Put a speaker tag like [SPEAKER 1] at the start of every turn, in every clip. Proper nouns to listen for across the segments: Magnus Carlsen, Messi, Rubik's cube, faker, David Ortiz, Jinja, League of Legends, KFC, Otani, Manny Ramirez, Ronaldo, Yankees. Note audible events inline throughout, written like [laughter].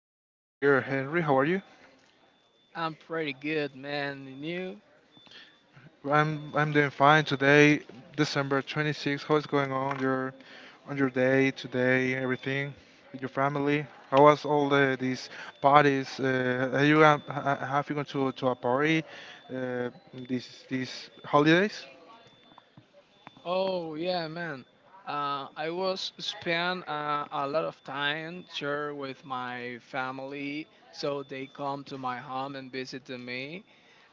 [SPEAKER 1] friend here, Henry. How are you?
[SPEAKER 2] I'm pretty good, man. And you?
[SPEAKER 1] I'm doing fine today, December 26th. How is going on your day today? Everything, your family. How was all these parties? Are you have you gone to a party, uh, these holidays?
[SPEAKER 2] Oh, yeah, man. I was spend a lot of time sure with my family, so they come to my home and visit to me,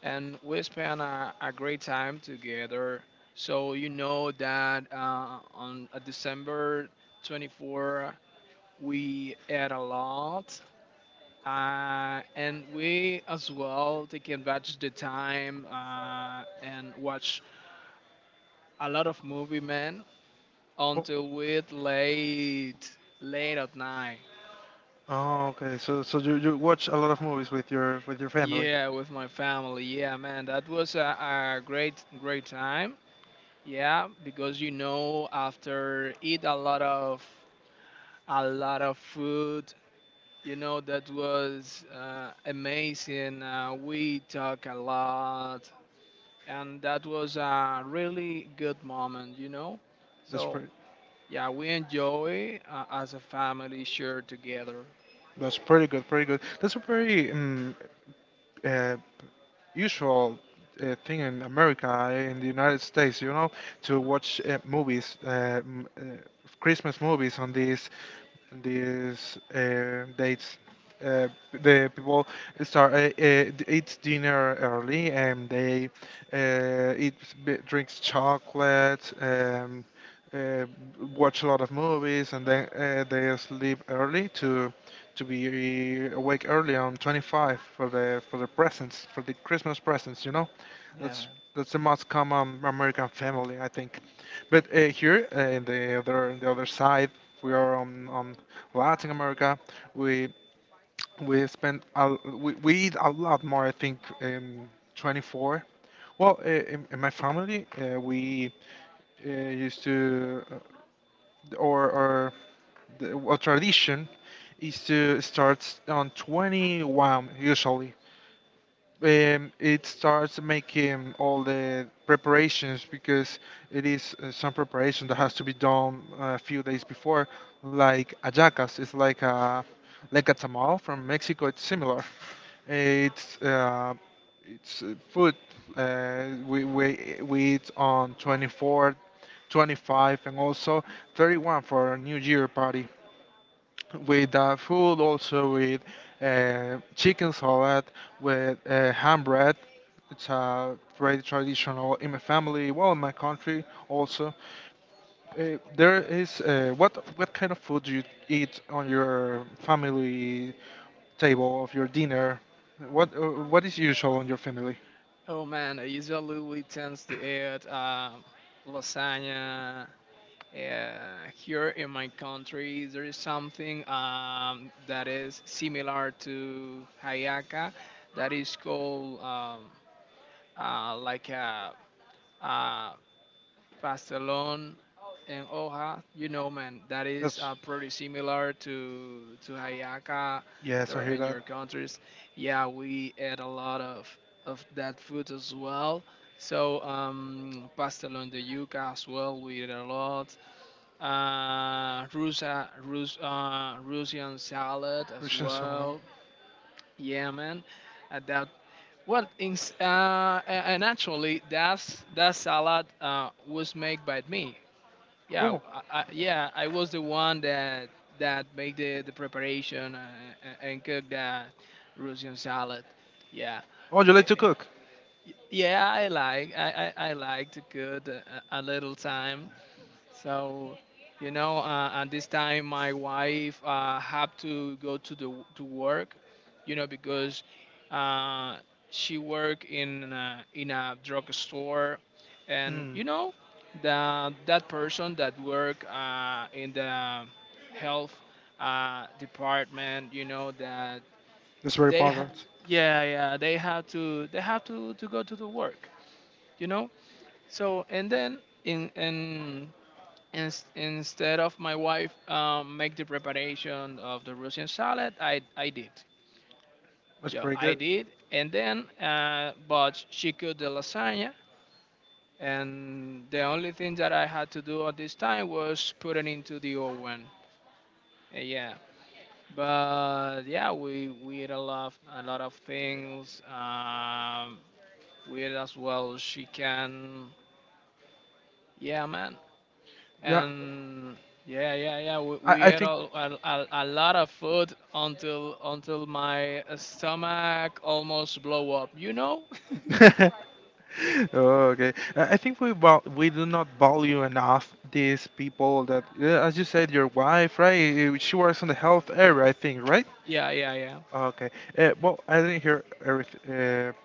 [SPEAKER 2] and we spend a great time together. So you know that on December 24, we ate a lot, and we as well take advantage the time and watch a lot of movie, man,
[SPEAKER 1] Oh,
[SPEAKER 2] until with late, late at night.
[SPEAKER 1] oh, okay. So you watch a lot of movies with your family.
[SPEAKER 2] Yeah, with my family. Yeah, man, that was a great, great time. Yeah, because you know, after eat a lot of food, you know, that was amazing. We talk a lot, and that was a really good moment. You know,
[SPEAKER 1] That's
[SPEAKER 2] so
[SPEAKER 1] pretty.
[SPEAKER 2] yeah, we enjoy as a family share together.
[SPEAKER 1] That's pretty good. Pretty good. That's a pretty uh, usual thing in America, in the United States, to watch movies, Christmas movies on these dates. Uh, the people start eat dinner early, and they eat drinks chocolate, uh, watch a lot of movies, and then they sleep early to be awake early on 25, for the presents, for the Christmas presents.
[SPEAKER 2] Yeah,
[SPEAKER 1] that's
[SPEAKER 2] man.
[SPEAKER 1] that's the most common American family, I think. But here, in the other side, we are on Latin America. we we eat a lot more, I think. 24. Well, in, my family, we used to, or the, a tradition is to start on 21 usually. It starts making all the preparations, because it is some preparation that has to be done a few days before, like ayacas. It's like a tamal from Mexico. It's similar. It's food we eat on 24, 25, and also 31 for a New Year party, with food, also with chicken salad, with ham bread. It's a very traditional in my family, well, in my country also. There is What kind of food do you eat on your family table of your dinner? What is usual on your family?
[SPEAKER 2] Oh man, I usually tends to eat lasagna. Yeah, here in my country, there is something that is similar to hayaka, that is called like uh Pastelon and Oja, you know, man, that is
[SPEAKER 1] That's
[SPEAKER 2] pretty similar to Hayaka
[SPEAKER 1] Yes,
[SPEAKER 2] there
[SPEAKER 1] I hear
[SPEAKER 2] in
[SPEAKER 1] that.
[SPEAKER 2] your countries. Yeah, we ate a lot of that food as well. So pastelon de yuca as well, we eat a lot. Russian salad as
[SPEAKER 1] Russian salad.
[SPEAKER 2] well. Yeah, man, that well, in, s- a- and actually, that salad was made by me. Yeah,
[SPEAKER 1] Oh,
[SPEAKER 2] I was the one that that made the preparation and cooked that Russian salad. Yeah,
[SPEAKER 1] oh, you
[SPEAKER 2] Eh,
[SPEAKER 1] like to
[SPEAKER 2] eh,
[SPEAKER 1] cook?
[SPEAKER 2] yeah, I like to cook a little time so, you know, at this time, my wife had to go to work, you know, because uh, she worked in a drugstore, and
[SPEAKER 1] Hmm,
[SPEAKER 2] you know, the that person that work in the health department, you know,
[SPEAKER 1] that's very
[SPEAKER 2] they ha-
[SPEAKER 1] important.
[SPEAKER 2] yeah, yeah, they have to go to the work, you know. So and then in Ins instead of my wife make the preparation of the Russian salad, I did.
[SPEAKER 1] That's
[SPEAKER 2] Yeah,
[SPEAKER 1] pretty
[SPEAKER 2] I
[SPEAKER 1] good.
[SPEAKER 2] did. And then, but she cooked the lasagna. And the only thing that I had to do at this time was put it into the oven. Yeah. But yeah, we ate a lot of things. We ate as well as she can. Yeah, man.
[SPEAKER 1] Yeah,
[SPEAKER 2] And yeah, yeah, yeah. We,
[SPEAKER 1] I,
[SPEAKER 2] we
[SPEAKER 1] I
[SPEAKER 2] ate
[SPEAKER 1] think.
[SPEAKER 2] a lot of food until my stomach almost blow up. You know? [laughs]
[SPEAKER 1] [laughs] Oh, okay. I think we we do not value enough these people that, yeah, as you said, your wife, right? She works in the health area, I think, right?
[SPEAKER 2] Yeah, yeah, yeah,
[SPEAKER 1] Okay. Well, I didn't hear everything,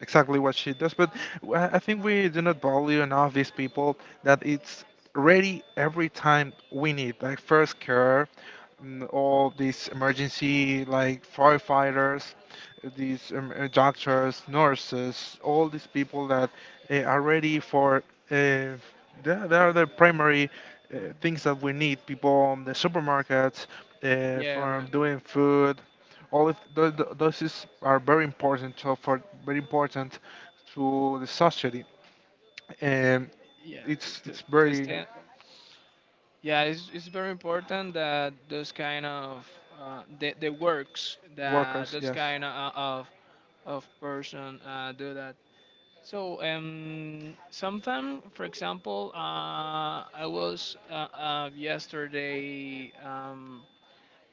[SPEAKER 1] exactly what she does. But I think we do not value enough these people that it's ready every time we need, like first care, all these emergency like firefighters, these doctors, nurses, all these people that are ready for. Uh, they are the primary things that we need. People on the supermarkets,
[SPEAKER 2] yeah,
[SPEAKER 1] for
[SPEAKER 2] man.
[SPEAKER 1] doing food, all of are very important, so for very important to the society, and
[SPEAKER 2] Yeah, to
[SPEAKER 1] it's
[SPEAKER 2] to
[SPEAKER 1] it's
[SPEAKER 2] to
[SPEAKER 1] very,
[SPEAKER 2] stand. Yeah, it's very important that those kind of the works that
[SPEAKER 1] workers,
[SPEAKER 2] those
[SPEAKER 1] yes,
[SPEAKER 2] kind of person do that. So sometime, for example, I was yesterday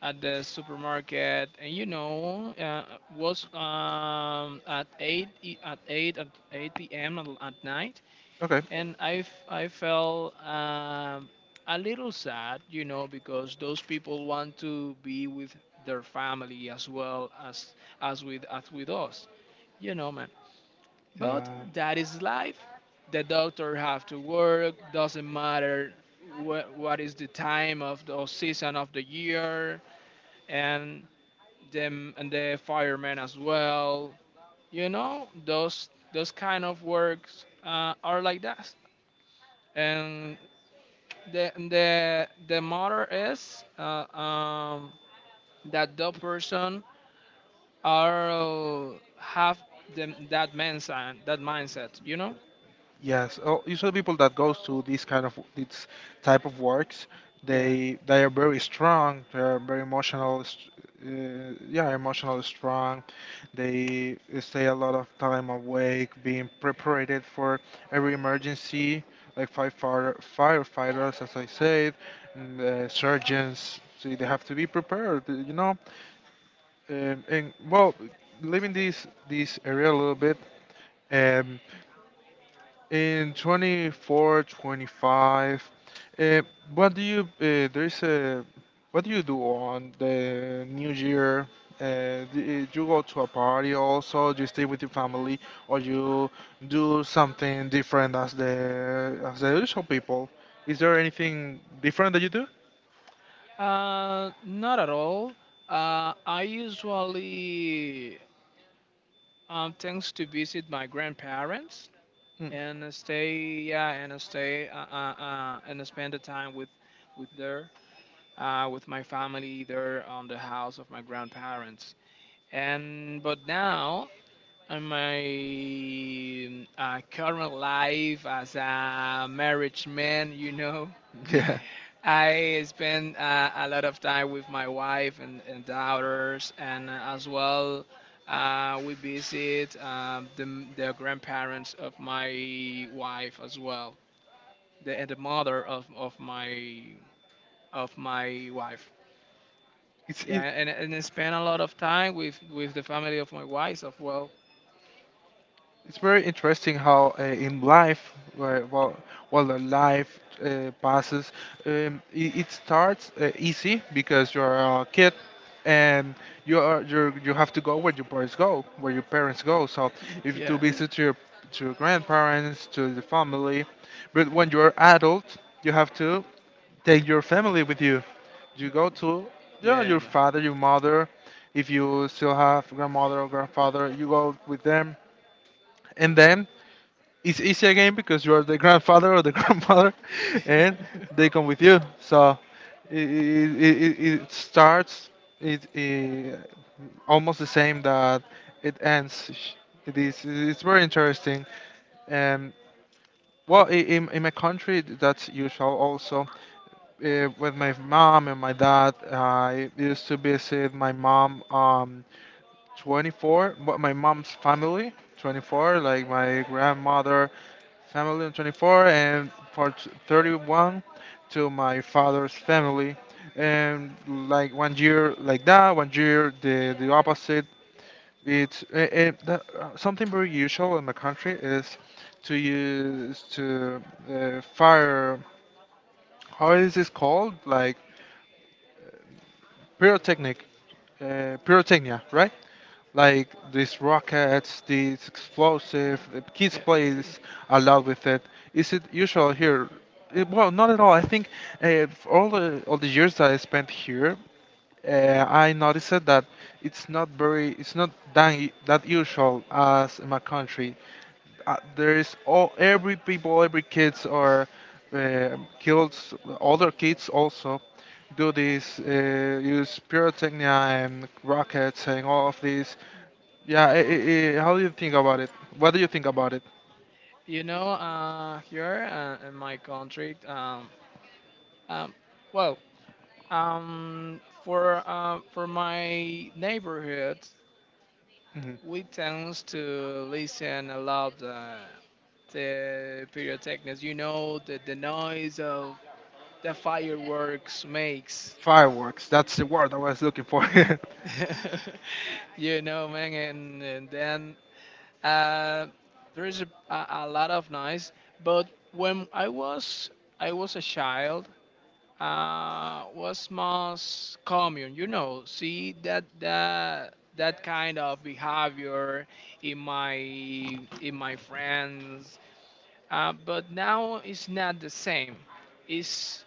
[SPEAKER 2] at the supermarket, and you know, was at eight p.m. at night,
[SPEAKER 1] okay,
[SPEAKER 2] and I felt a little sad, you know, because those people want to be with their family as well as with us, you know, man. But
[SPEAKER 1] yeah.
[SPEAKER 2] that is life. The doctor have to work. Doesn't matter what is the time of the season of the year, and the firemen as well. You know those kind of works are like that. And the matter is that the person are have them that mindset that mindset. You know.
[SPEAKER 1] Yes. Oh, usually people that goes to these kind of these type of works,
[SPEAKER 2] Yeah.
[SPEAKER 1] they are very strong. They are very emotional. Yeah, emotional strong. They stay a lot of time awake, being prepared for every emergency, like firefighter, firefighters, as I said, and, surgeons. So they have to be prepared. You know, and well, leaving this area a little bit. Um, in 24, 25, uh, what do you uh, there's a what do you do on the New Year? Do you go to a party also? Do you stay with your family, or you do something different as the usual people? Is there anything different that you do?
[SPEAKER 2] Not at all. I usually tends to visit my grandparents
[SPEAKER 1] Mm.
[SPEAKER 2] and uh, stay yeah and stay and spend the time with their with my family there on the house of my grandparents. And but now in my current life as a marriage man, you know. [laughs]
[SPEAKER 1] Yeah,
[SPEAKER 2] I spend a lot of time with my wife and, daughters, and as well, we visit the grandparents of my wife as well, and the mother of my wife.
[SPEAKER 1] it's
[SPEAKER 2] Yeah,
[SPEAKER 1] it.
[SPEAKER 2] and, I spend a lot of time with, the family of my wife as well.
[SPEAKER 1] It's very interesting how in life, while the life passes. It starts easy, because you're a kid, and you are you you have to go where your parents go, so if
[SPEAKER 2] [laughs]
[SPEAKER 1] you to
[SPEAKER 2] Yeah,
[SPEAKER 1] visit your to your grandparents, to the family. But when you're adult, you have to take your family with you. You go to, yeah,
[SPEAKER 2] yeah,
[SPEAKER 1] your
[SPEAKER 2] man.
[SPEAKER 1] father, your mother. If you still have grandmother or grandfather, you go with them. And then it's easy again, because you are the grandfather or the [laughs] grandmother, and
[SPEAKER 2] [laughs]
[SPEAKER 1] they come with you. So it starts it almost the same that it ends. It is, it's very interesting. And well, in my country, that's usual also. With my mom and my dad, I used to visit my mom 24, but my mom's family 24, like my grandmother, family and 24, and for 31 to my father's family. And like one year like that, one year the opposite. It's that, something very usual in my country is to use to fire. How is this called? Like pyrotechnic, pyrotechnia, right? Like these rockets, these
[SPEAKER 2] Okay.
[SPEAKER 1] explosive. The kids
[SPEAKER 2] Yeah,
[SPEAKER 1] plays a lot with it. Is it usual here? Well, not at all. I think for all the years that I spent here, I noticed that it's not that that usual as in my country. There is all every people, every kids or kids, older kids also do this, use pyrotechnia and rockets and all of this. Yeah, I how do you think about it? What do you think about it?
[SPEAKER 2] you know, here in my country, um, well, for my neighborhood,
[SPEAKER 1] Mhm.
[SPEAKER 2] we tend to listen a lot to pyrotechnics. You know the noise of the fireworks makes.
[SPEAKER 1] Fireworks. That's the word I was looking for. [laughs]
[SPEAKER 2] [laughs] You know, man, and, then uh, there is a lot of noise. But when I was a child, was most common, you know, see that that kind of behavior in my friends, but now it's not the same. It's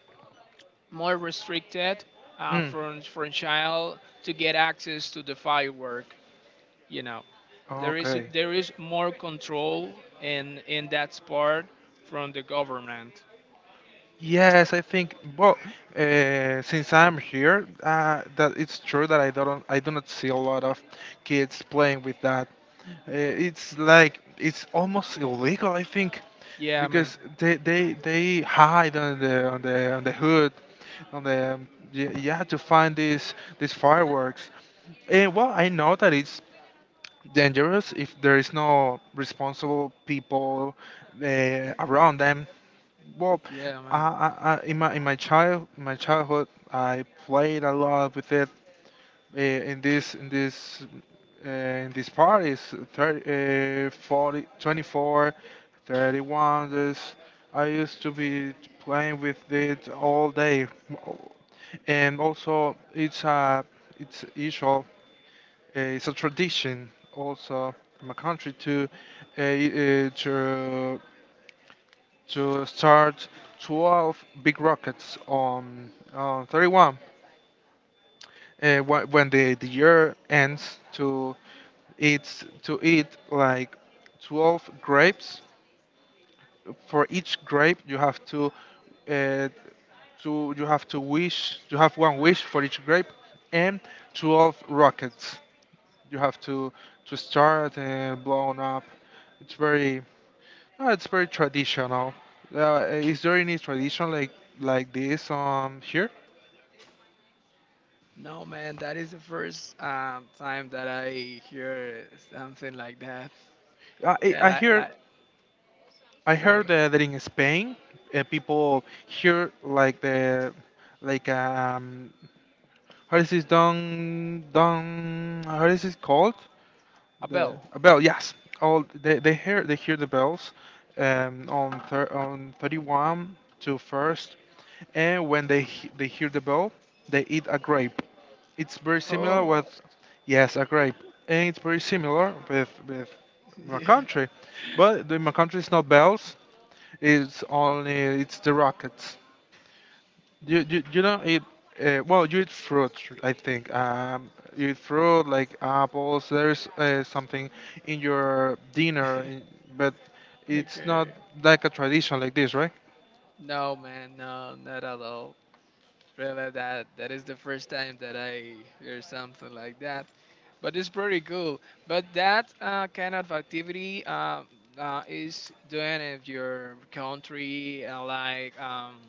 [SPEAKER 2] more restricted,
[SPEAKER 1] Mm.
[SPEAKER 2] from child to get access to the firework, you know. There is
[SPEAKER 1] Okay.
[SPEAKER 2] more control in that part from the government.
[SPEAKER 1] Yes, I think. Well, since I'm here, that it's true that I don't, I do not see a lot of kids playing with that. It's like it's almost illegal, I think,
[SPEAKER 2] Yeah, man.
[SPEAKER 1] because they hide on the on the hood, on the, yeah, yeah, to find these fireworks. And well, I know that it's dangerous if there is no responsible people around them. Well,
[SPEAKER 2] Yeah, man.
[SPEAKER 1] I, in my child my childhood, I played a lot with it in this in these parties, 30, 40, 24, 31. This I used to be playing with it all day. And also it's usual, it's a tradition also in my country to uh, uh, to to start 12 big rockets on 31, when the year ends to eat, to eat like 12 grapes. For each grape you have to, uh, you have to wish, you have one wish for each grape. And 12 rockets you have to start blowing up. It's very it's very traditional. Is there any tradition like this, here?
[SPEAKER 2] No, man, that is the first time that I hear something like that.
[SPEAKER 1] I,
[SPEAKER 2] Yeah,
[SPEAKER 1] I
[SPEAKER 2] like
[SPEAKER 1] hear I heard
[SPEAKER 2] really.
[SPEAKER 1] that in Spain, people hear like the, like, how is this, dong dong, how is it called,
[SPEAKER 2] A
[SPEAKER 1] the
[SPEAKER 2] bell.
[SPEAKER 1] a bell? Yes. All they hear, they hear the bells on on 31 to first, and when they they hear the bell, they eat a grape. It's very similar
[SPEAKER 2] Oh,
[SPEAKER 1] with, yes, a grape. And it's very similar with
[SPEAKER 2] [laughs]
[SPEAKER 1] my
[SPEAKER 2] yeah.
[SPEAKER 1] country. But the, my country is not bells. It's only, it's the rockets. You, you don't eat. Well, you eat fruit, I think. You eat fruit like apples. There's something in your dinner,
[SPEAKER 2] [laughs]
[SPEAKER 1] in- but it's not
[SPEAKER 2] Okay.
[SPEAKER 1] like a tradition like this, right?
[SPEAKER 2] No, man, no, not at all. Really, that is the first time that I hear something like that. But it's pretty cool. But that kind of activity is doing if your country like,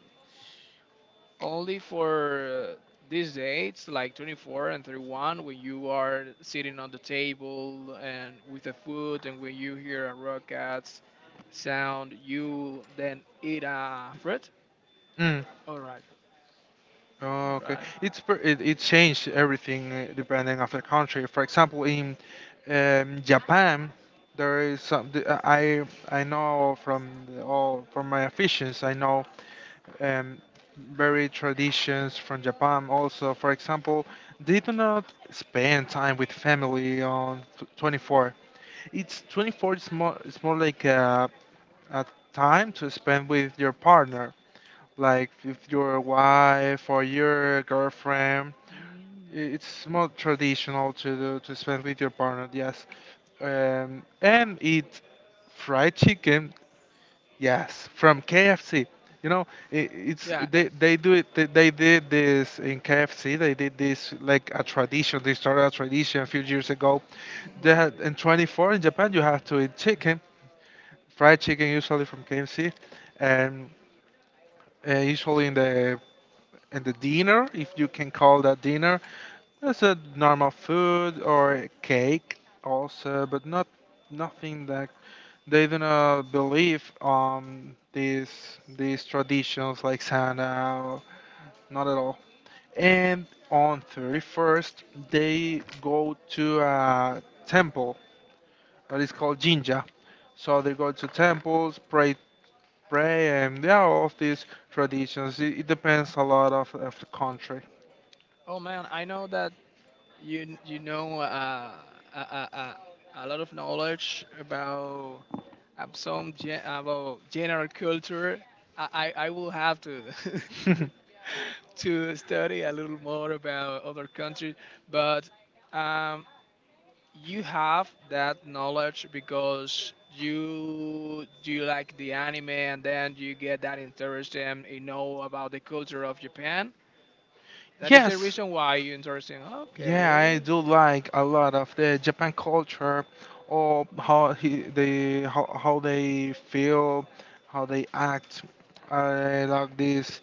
[SPEAKER 2] only for, these dates like 24 and 31, when you are sitting on the table and with the food, and when you hear a rockets sound, you then eat a fruit.
[SPEAKER 1] Mm.
[SPEAKER 2] All right. All
[SPEAKER 1] Okay,
[SPEAKER 2] right.
[SPEAKER 1] it, it changed everything depending of the country. For example, in Japan, there is some. I know from the, all from my officials. I know um, very traditions from Japan also. For example, they do not spend time with family on 24. It's 24 is more, it's more like a time to spend with your partner, like with your wife or your girlfriend.
[SPEAKER 2] Mm.
[SPEAKER 1] It's more traditional to do, to spend with your partner, yes. And eat fried chicken. Yes, from KFC. You know, I it's
[SPEAKER 2] Yeah.
[SPEAKER 1] they do it. They did this in KFC. They did this like a tradition. They started a tradition a few years ago.
[SPEAKER 2] Oh
[SPEAKER 1] They
[SPEAKER 2] my god.
[SPEAKER 1] had in 24 in Japan, you have to eat chicken, fried chicken, usually from KFC. And usually in the dinner, if you can call that dinner, it's a normal food or a cake also, but not nothing like, they do not believe on these traditions like Santa. Not at all. And on 31st, they go to a temple that is called Jinja. So they go to temples, pray, pray, and there are all of these traditions. It depends a lot of the country.
[SPEAKER 2] Oh man, I know that you know, a, a, a lot of knowledge about general culture. I, I will have to [laughs]
[SPEAKER 1] [laughs]
[SPEAKER 2] to study a little more about other countries. But um, you have that knowledge because you do like the anime, and then you get that interest and you know about the culture of Japan. That is the
[SPEAKER 1] Yes,
[SPEAKER 2] reason why you interested.
[SPEAKER 1] yeah, I
[SPEAKER 2] Okay,
[SPEAKER 1] do like a lot of the Japan culture, or how he, they how they feel, how they act. I like this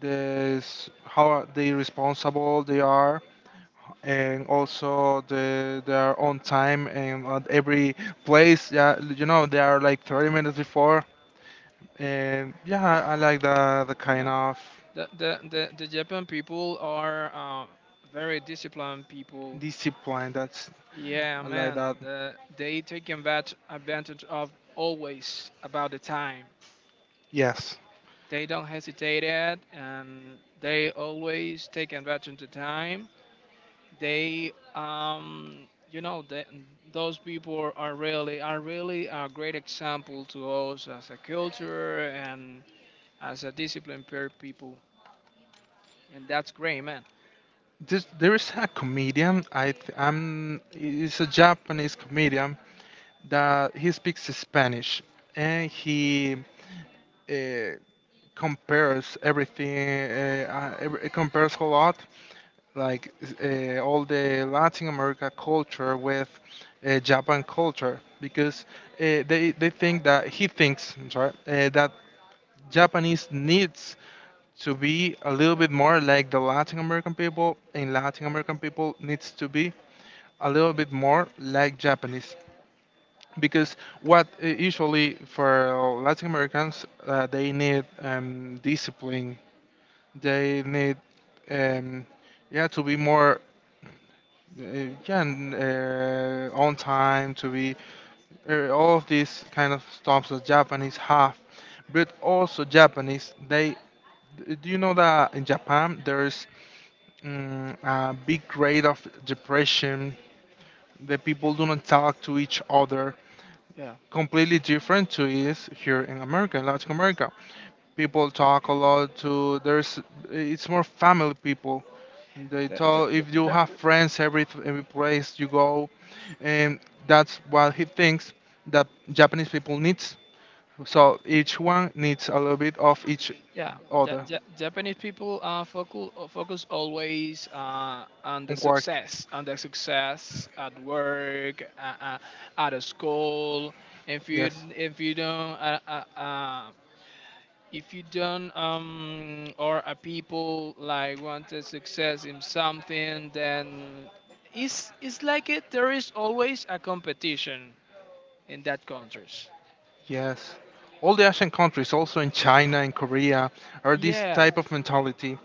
[SPEAKER 1] this how they responsible they are. And also the, they are on time and at every place. Yeah, you know they are like 30 minutes before, and yeah, I like the
[SPEAKER 2] I
[SPEAKER 1] kind
[SPEAKER 2] mean,
[SPEAKER 1] of
[SPEAKER 2] the Japan people are very disciplined people.
[SPEAKER 1] discipline. That's,
[SPEAKER 2] Yeah,
[SPEAKER 1] I like
[SPEAKER 2] man,
[SPEAKER 1] that.
[SPEAKER 2] they take advantage of always about the time.
[SPEAKER 1] Yes.
[SPEAKER 2] They don't hesitate at, and they always take advantage of time. They, you know, the those people are really a great example to us as a culture and as a disciplined pair people, and that's great, man.
[SPEAKER 1] This, there is a comedian. I th- I'm. He's a Japanese comedian that he speaks Spanish, and he uh, compares everything. Compares a lot, like all the Latin America culture with Japan culture, because they think that he thinks. I'm sorry. That Japanese needs to be a little bit more like the Latin American people, and Latin American people needs to be a little bit more like Japanese.
[SPEAKER 2] Yeah,
[SPEAKER 1] Because what usually for Latin Americans, they need discipline. They need, um, yeah, to be more, yeah, on time. To be all of these kind of stuff that Japanese have. But also Japanese, they. Do you know that in Japan there's a big rate of depression? The people do not talk to each other.
[SPEAKER 2] yeah.
[SPEAKER 1] Completely different to is here in America, in Latin America. People talk a lot to there's it's more family people. They
[SPEAKER 2] Th- th-
[SPEAKER 1] talk if you
[SPEAKER 2] th-
[SPEAKER 1] have friends every place you go, and that's what he thinks that Japanese people needs. So each one needs a little bit of each
[SPEAKER 2] Yeah,
[SPEAKER 1] other
[SPEAKER 2] Japanese people focus always on the
[SPEAKER 1] on work.
[SPEAKER 2] success, at work, at a school. If you
[SPEAKER 1] Yes,
[SPEAKER 2] if you don't if you don't, or a people like want the success in something, then it's like it. There is always a competition in that countries.
[SPEAKER 1] yes. All the Asian countries, also in China and Korea, are this
[SPEAKER 2] Yeah.
[SPEAKER 1] type of mentality.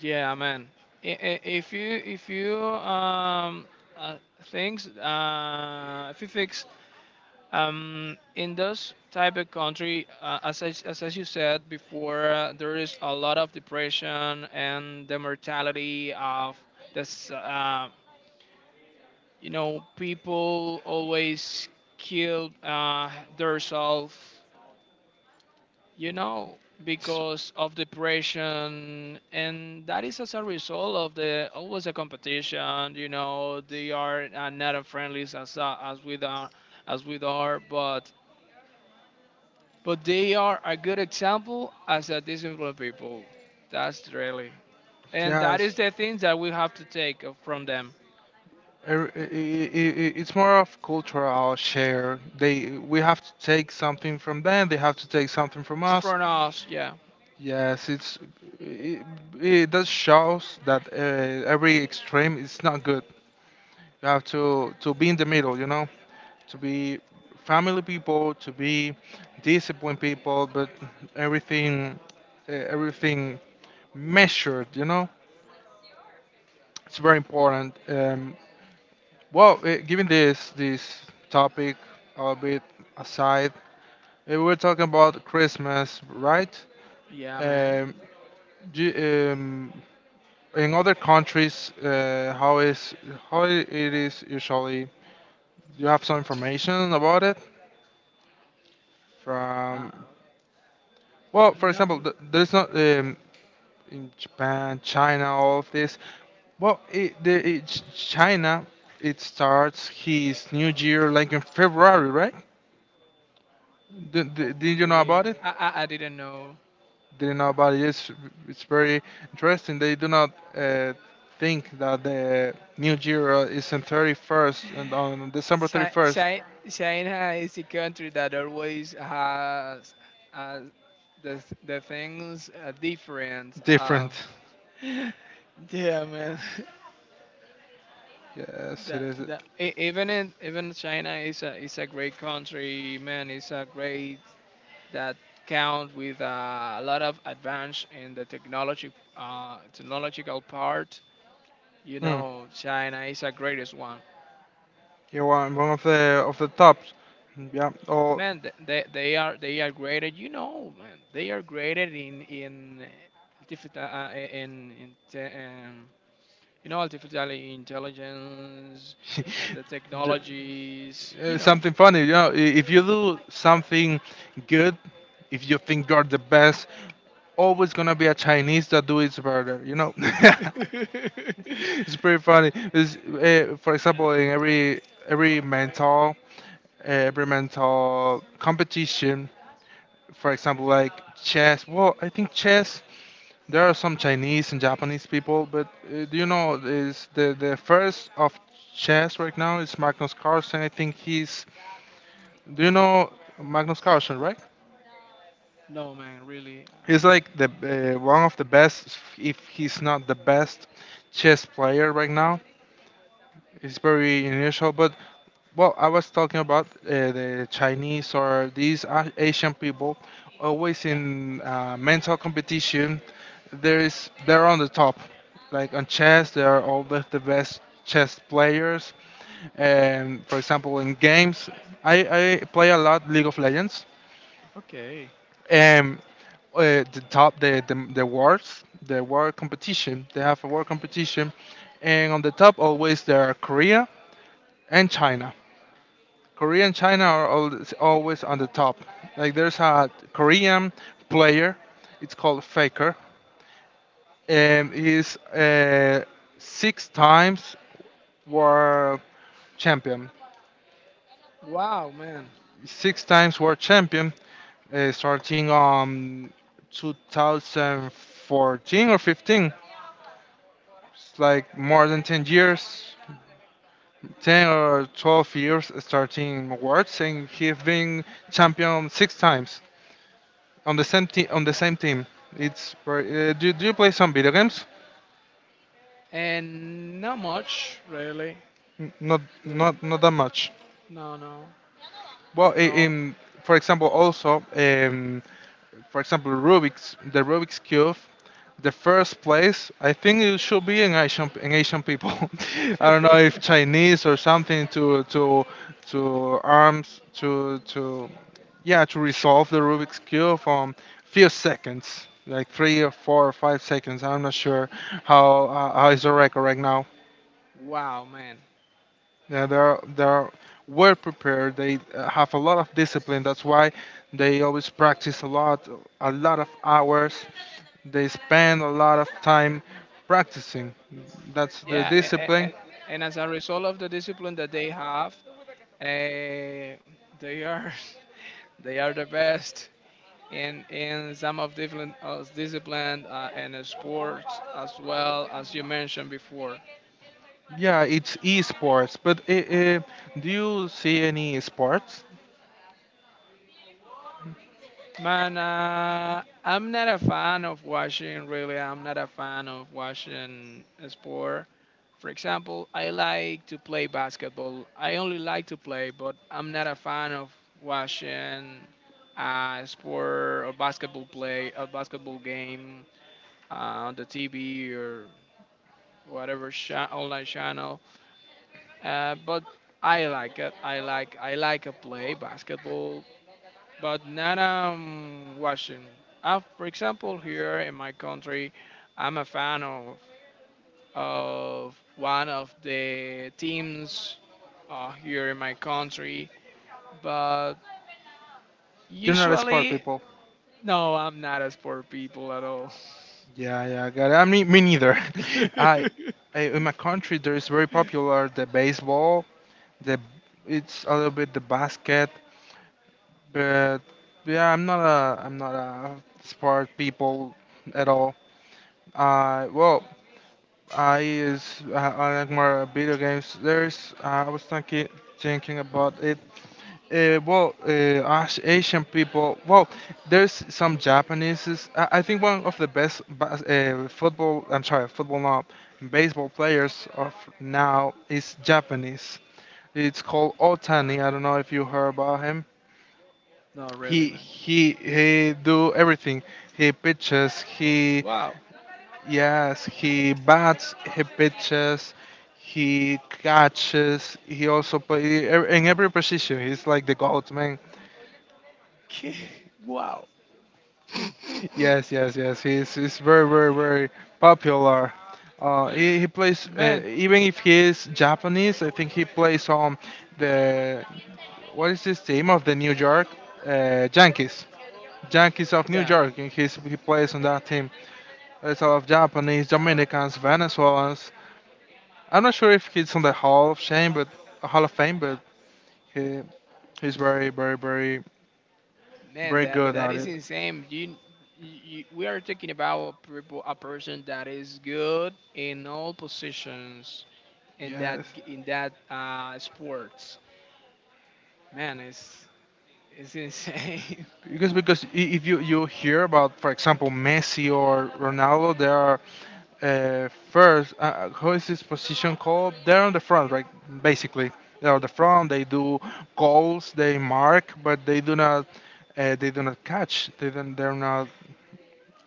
[SPEAKER 2] Yeah, man. I- i- If you if you um uh, if you fix, in those type of country, as as you said before, there is a lot of depression and the mortality of this. You know, people always kill, themselves, you know, because of depression, and that is as a result of the always a competition. You know, they are not as friendly as, as we are, but they are a good example as a disciplined people. That's really, and that is
[SPEAKER 1] Yes.
[SPEAKER 2] the things that we have to take, from them.
[SPEAKER 1] It's more of cultural share. They we have to take something from them. They have to take something from
[SPEAKER 2] It's
[SPEAKER 1] us.
[SPEAKER 2] from us, yeah,
[SPEAKER 1] Yes, it's it, it does shows that every extreme is not good. You have to be in the middle. You know, to be family people, to be disciplined people, but everything everything measured. You know, it's very important. Well, given this topic a bit aside, we were talking about Christmas, right?
[SPEAKER 2] yeah, man.
[SPEAKER 1] Um, do, um, in other countries, how is how it is usually? Do you have some information about it?
[SPEAKER 2] Uh,
[SPEAKER 1] From well, for
[SPEAKER 2] no,
[SPEAKER 1] example, there's not in Japan, China, all of this. Well, China, it starts his New Year like in February, right? Did,
[SPEAKER 2] oh
[SPEAKER 1] did, did you know
[SPEAKER 2] really?
[SPEAKER 1] about it?
[SPEAKER 2] I didn't know.
[SPEAKER 1] Did you know about it? It's very interesting. They do not think that the new year is on 31st and on December
[SPEAKER 2] Chi-
[SPEAKER 1] 31st.
[SPEAKER 2] Chi- China is a country that always has uh, the things different.
[SPEAKER 1] Different.
[SPEAKER 2] [laughs] Yeah, man. [laughs]
[SPEAKER 1] Yes, it
[SPEAKER 2] That
[SPEAKER 1] is.
[SPEAKER 2] that e- even in even China is a great country, man. It's a great that count with a lot of advance in the technology, technological part. You
[SPEAKER 1] Mm.
[SPEAKER 2] know, China is the greatest one.
[SPEAKER 1] You're one of the tops. Yeah. Oh,
[SPEAKER 2] Man, they are graded, you know, man, they are graded in artificial, you know, artificial intelligence and the
[SPEAKER 1] [laughs] ju-
[SPEAKER 2] technologies, you know.
[SPEAKER 1] something funny. You know, I- if you do something good, if you think you're the best, always gonna be a Chinese that do it better. You know,
[SPEAKER 2] [laughs]
[SPEAKER 1] [laughs] it's pretty funny. For example, in every mental every mental competition, for example, like chess. Well, I think chess. There are some Chinese and Japanese people, but do you know is the first of chess right now is Magnus Carlsen. I think he's do you know Magnus Carlsen, right?
[SPEAKER 2] No man, really,
[SPEAKER 1] He's like the one of the best, if he's not the best, chess player right now. It's very unusual, but well, I was talking about the Chinese or these Asian people always in mental competition. There is they're on the top, like on chess, they are always the best chess players. And for example, in games, I play a lot League of Legends
[SPEAKER 2] okay.
[SPEAKER 1] um, the top the awards the award competition they have award competition and on the top always there are Korea and China. Korea and China are always, always on the top, like there's a Korean player. It's called Faker,
[SPEAKER 2] Oh My
[SPEAKER 1] and
[SPEAKER 2] go-.
[SPEAKER 1] he's six times world champion.
[SPEAKER 2] Wow man.
[SPEAKER 1] Six times world champion starting on 2014 or 15. It's like more than 10 years, 10 or 12 years starting awards, and he's been champion six times on the same, team. On the same team. It's very, do you play some video games?
[SPEAKER 2] And not much really.
[SPEAKER 1] Not
[SPEAKER 2] True.
[SPEAKER 1] that much.
[SPEAKER 2] No, no,
[SPEAKER 1] Well,
[SPEAKER 2] no.
[SPEAKER 1] in for example, also for example, Rubik's Cube, the first place, I think it should be in Asian people. [laughs] I don't know if
[SPEAKER 2] [laughs]
[SPEAKER 1] Chinese or something to arms to yeah to resolve the Rubik's Cube from few seconds, like 3 or 4 or 5 seconds. I'm not sure how is the record right now.
[SPEAKER 2] Wow, man.
[SPEAKER 1] Yeah, they're well prepared. They have a lot of discipline. That's why they always practice a lot of hours they spend a lot of time practicing. That's the
[SPEAKER 2] Yeah,
[SPEAKER 1] discipline.
[SPEAKER 2] and as a result of the discipline that they have, Eh, they are [laughs] they are the best in some of different, discipline, and sports, as well as you mentioned before.
[SPEAKER 1] Yeah, it's esports. But I do you see any sports?
[SPEAKER 2] Man, I'm not a fan of watching. Really, I'm not a fan of watching a sport. For example, I like to play basketball. I only like to play, but I'm not a fan of watching, sport or basketball, play, a basketball game, on the TV or whatever online channel. But I like it. I like to play basketball, but not, watching. For example, here in my country, I'm a fan of one of the teams, here in my country, but
[SPEAKER 1] You're not a sport
[SPEAKER 2] usually
[SPEAKER 1] people.
[SPEAKER 2] no, I'm not a sport people at all.
[SPEAKER 1] Yeah, yeah, I got it. I mean, me neither. [laughs] I,
[SPEAKER 2] [laughs]
[SPEAKER 1] I in my country there is very popular the baseball. The it's a little bit the basket, but yeah, I'm not a sport people at all. Well, I like more video games. There's I was thinking about it. Well, Asian people. Well, there's some Japanese. I think one of the best football. I'm sorry, football not baseball players of now is Japanese. It's called Otani. I don't know if you heard about him.
[SPEAKER 2] Not really,
[SPEAKER 1] He
[SPEAKER 2] man.
[SPEAKER 1] he he do everything. He pitches. He
[SPEAKER 2] Wow.
[SPEAKER 1] Yes, he bats, he pitches, he catches, he also play in every position. He's like the goat man.
[SPEAKER 2] [laughs] Wow. [laughs]
[SPEAKER 1] Yes, yes, yes. He's very very very popular. He plays
[SPEAKER 2] Man,
[SPEAKER 1] even if he is Japanese. I think he plays on the what is this team of the New York Yankees. Yankees of New
[SPEAKER 2] yeah.
[SPEAKER 1] York, and he plays on that team. There's a lot of Japanese, Dominicans, Venezuelans, I'm not sure if he's on the Hall of Shame, but Hall of Fame, but he he's very, very, very,
[SPEAKER 2] Man,
[SPEAKER 1] very
[SPEAKER 2] that
[SPEAKER 1] good
[SPEAKER 2] that
[SPEAKER 1] at
[SPEAKER 2] is
[SPEAKER 1] it.
[SPEAKER 2] insane. You we are talking about a person that is good in all positions in that
[SPEAKER 1] Yes,
[SPEAKER 2] g- in that sports. Man, it's insane.
[SPEAKER 1] because I- if you you hear about, for example, Messi or Ronaldo, they are first. How is this position called? They're on the front, right? Basically, they're on the front. They do goals, they mark, but they do not. They do not catch. They don't. They're not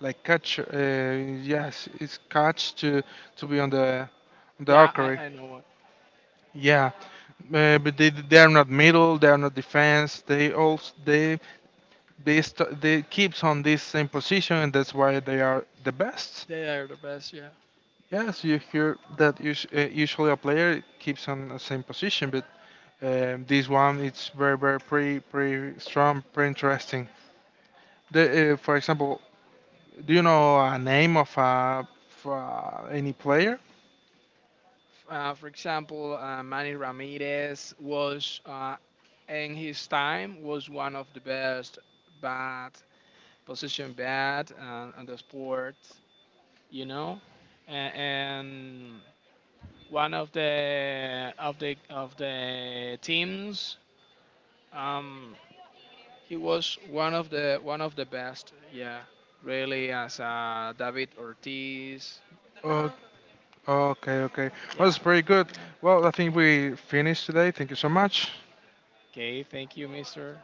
[SPEAKER 1] like catch. Yes, it's catch to be on
[SPEAKER 2] [laughs]
[SPEAKER 1] the
[SPEAKER 2] Yeah, I
[SPEAKER 1] archery.
[SPEAKER 2] I know what
[SPEAKER 1] Yeah, but they are not middle, they are not defense. They also they keeps on this same position, and that's why they are the best.
[SPEAKER 2] they are the best. Yeah.
[SPEAKER 1] Yes, you hear that usually a player keeps on the same position, but this one it's very very pretty pretty strong, pretty interesting. For example, do you know a name of a for, any player?
[SPEAKER 2] For example, Manny Ramirez was in his time was one of the best bat position bat, on the sport. You know, and one of the teams. Um, he was one of the best. Yeah, really, as David Ortiz.
[SPEAKER 1] Oh, okay, okay. Well,
[SPEAKER 2] Yeah.
[SPEAKER 1] it's pretty good.
[SPEAKER 2] Man.
[SPEAKER 1] Well, I think we finished today. Thank you so much.
[SPEAKER 2] Okay, thank you, Mister.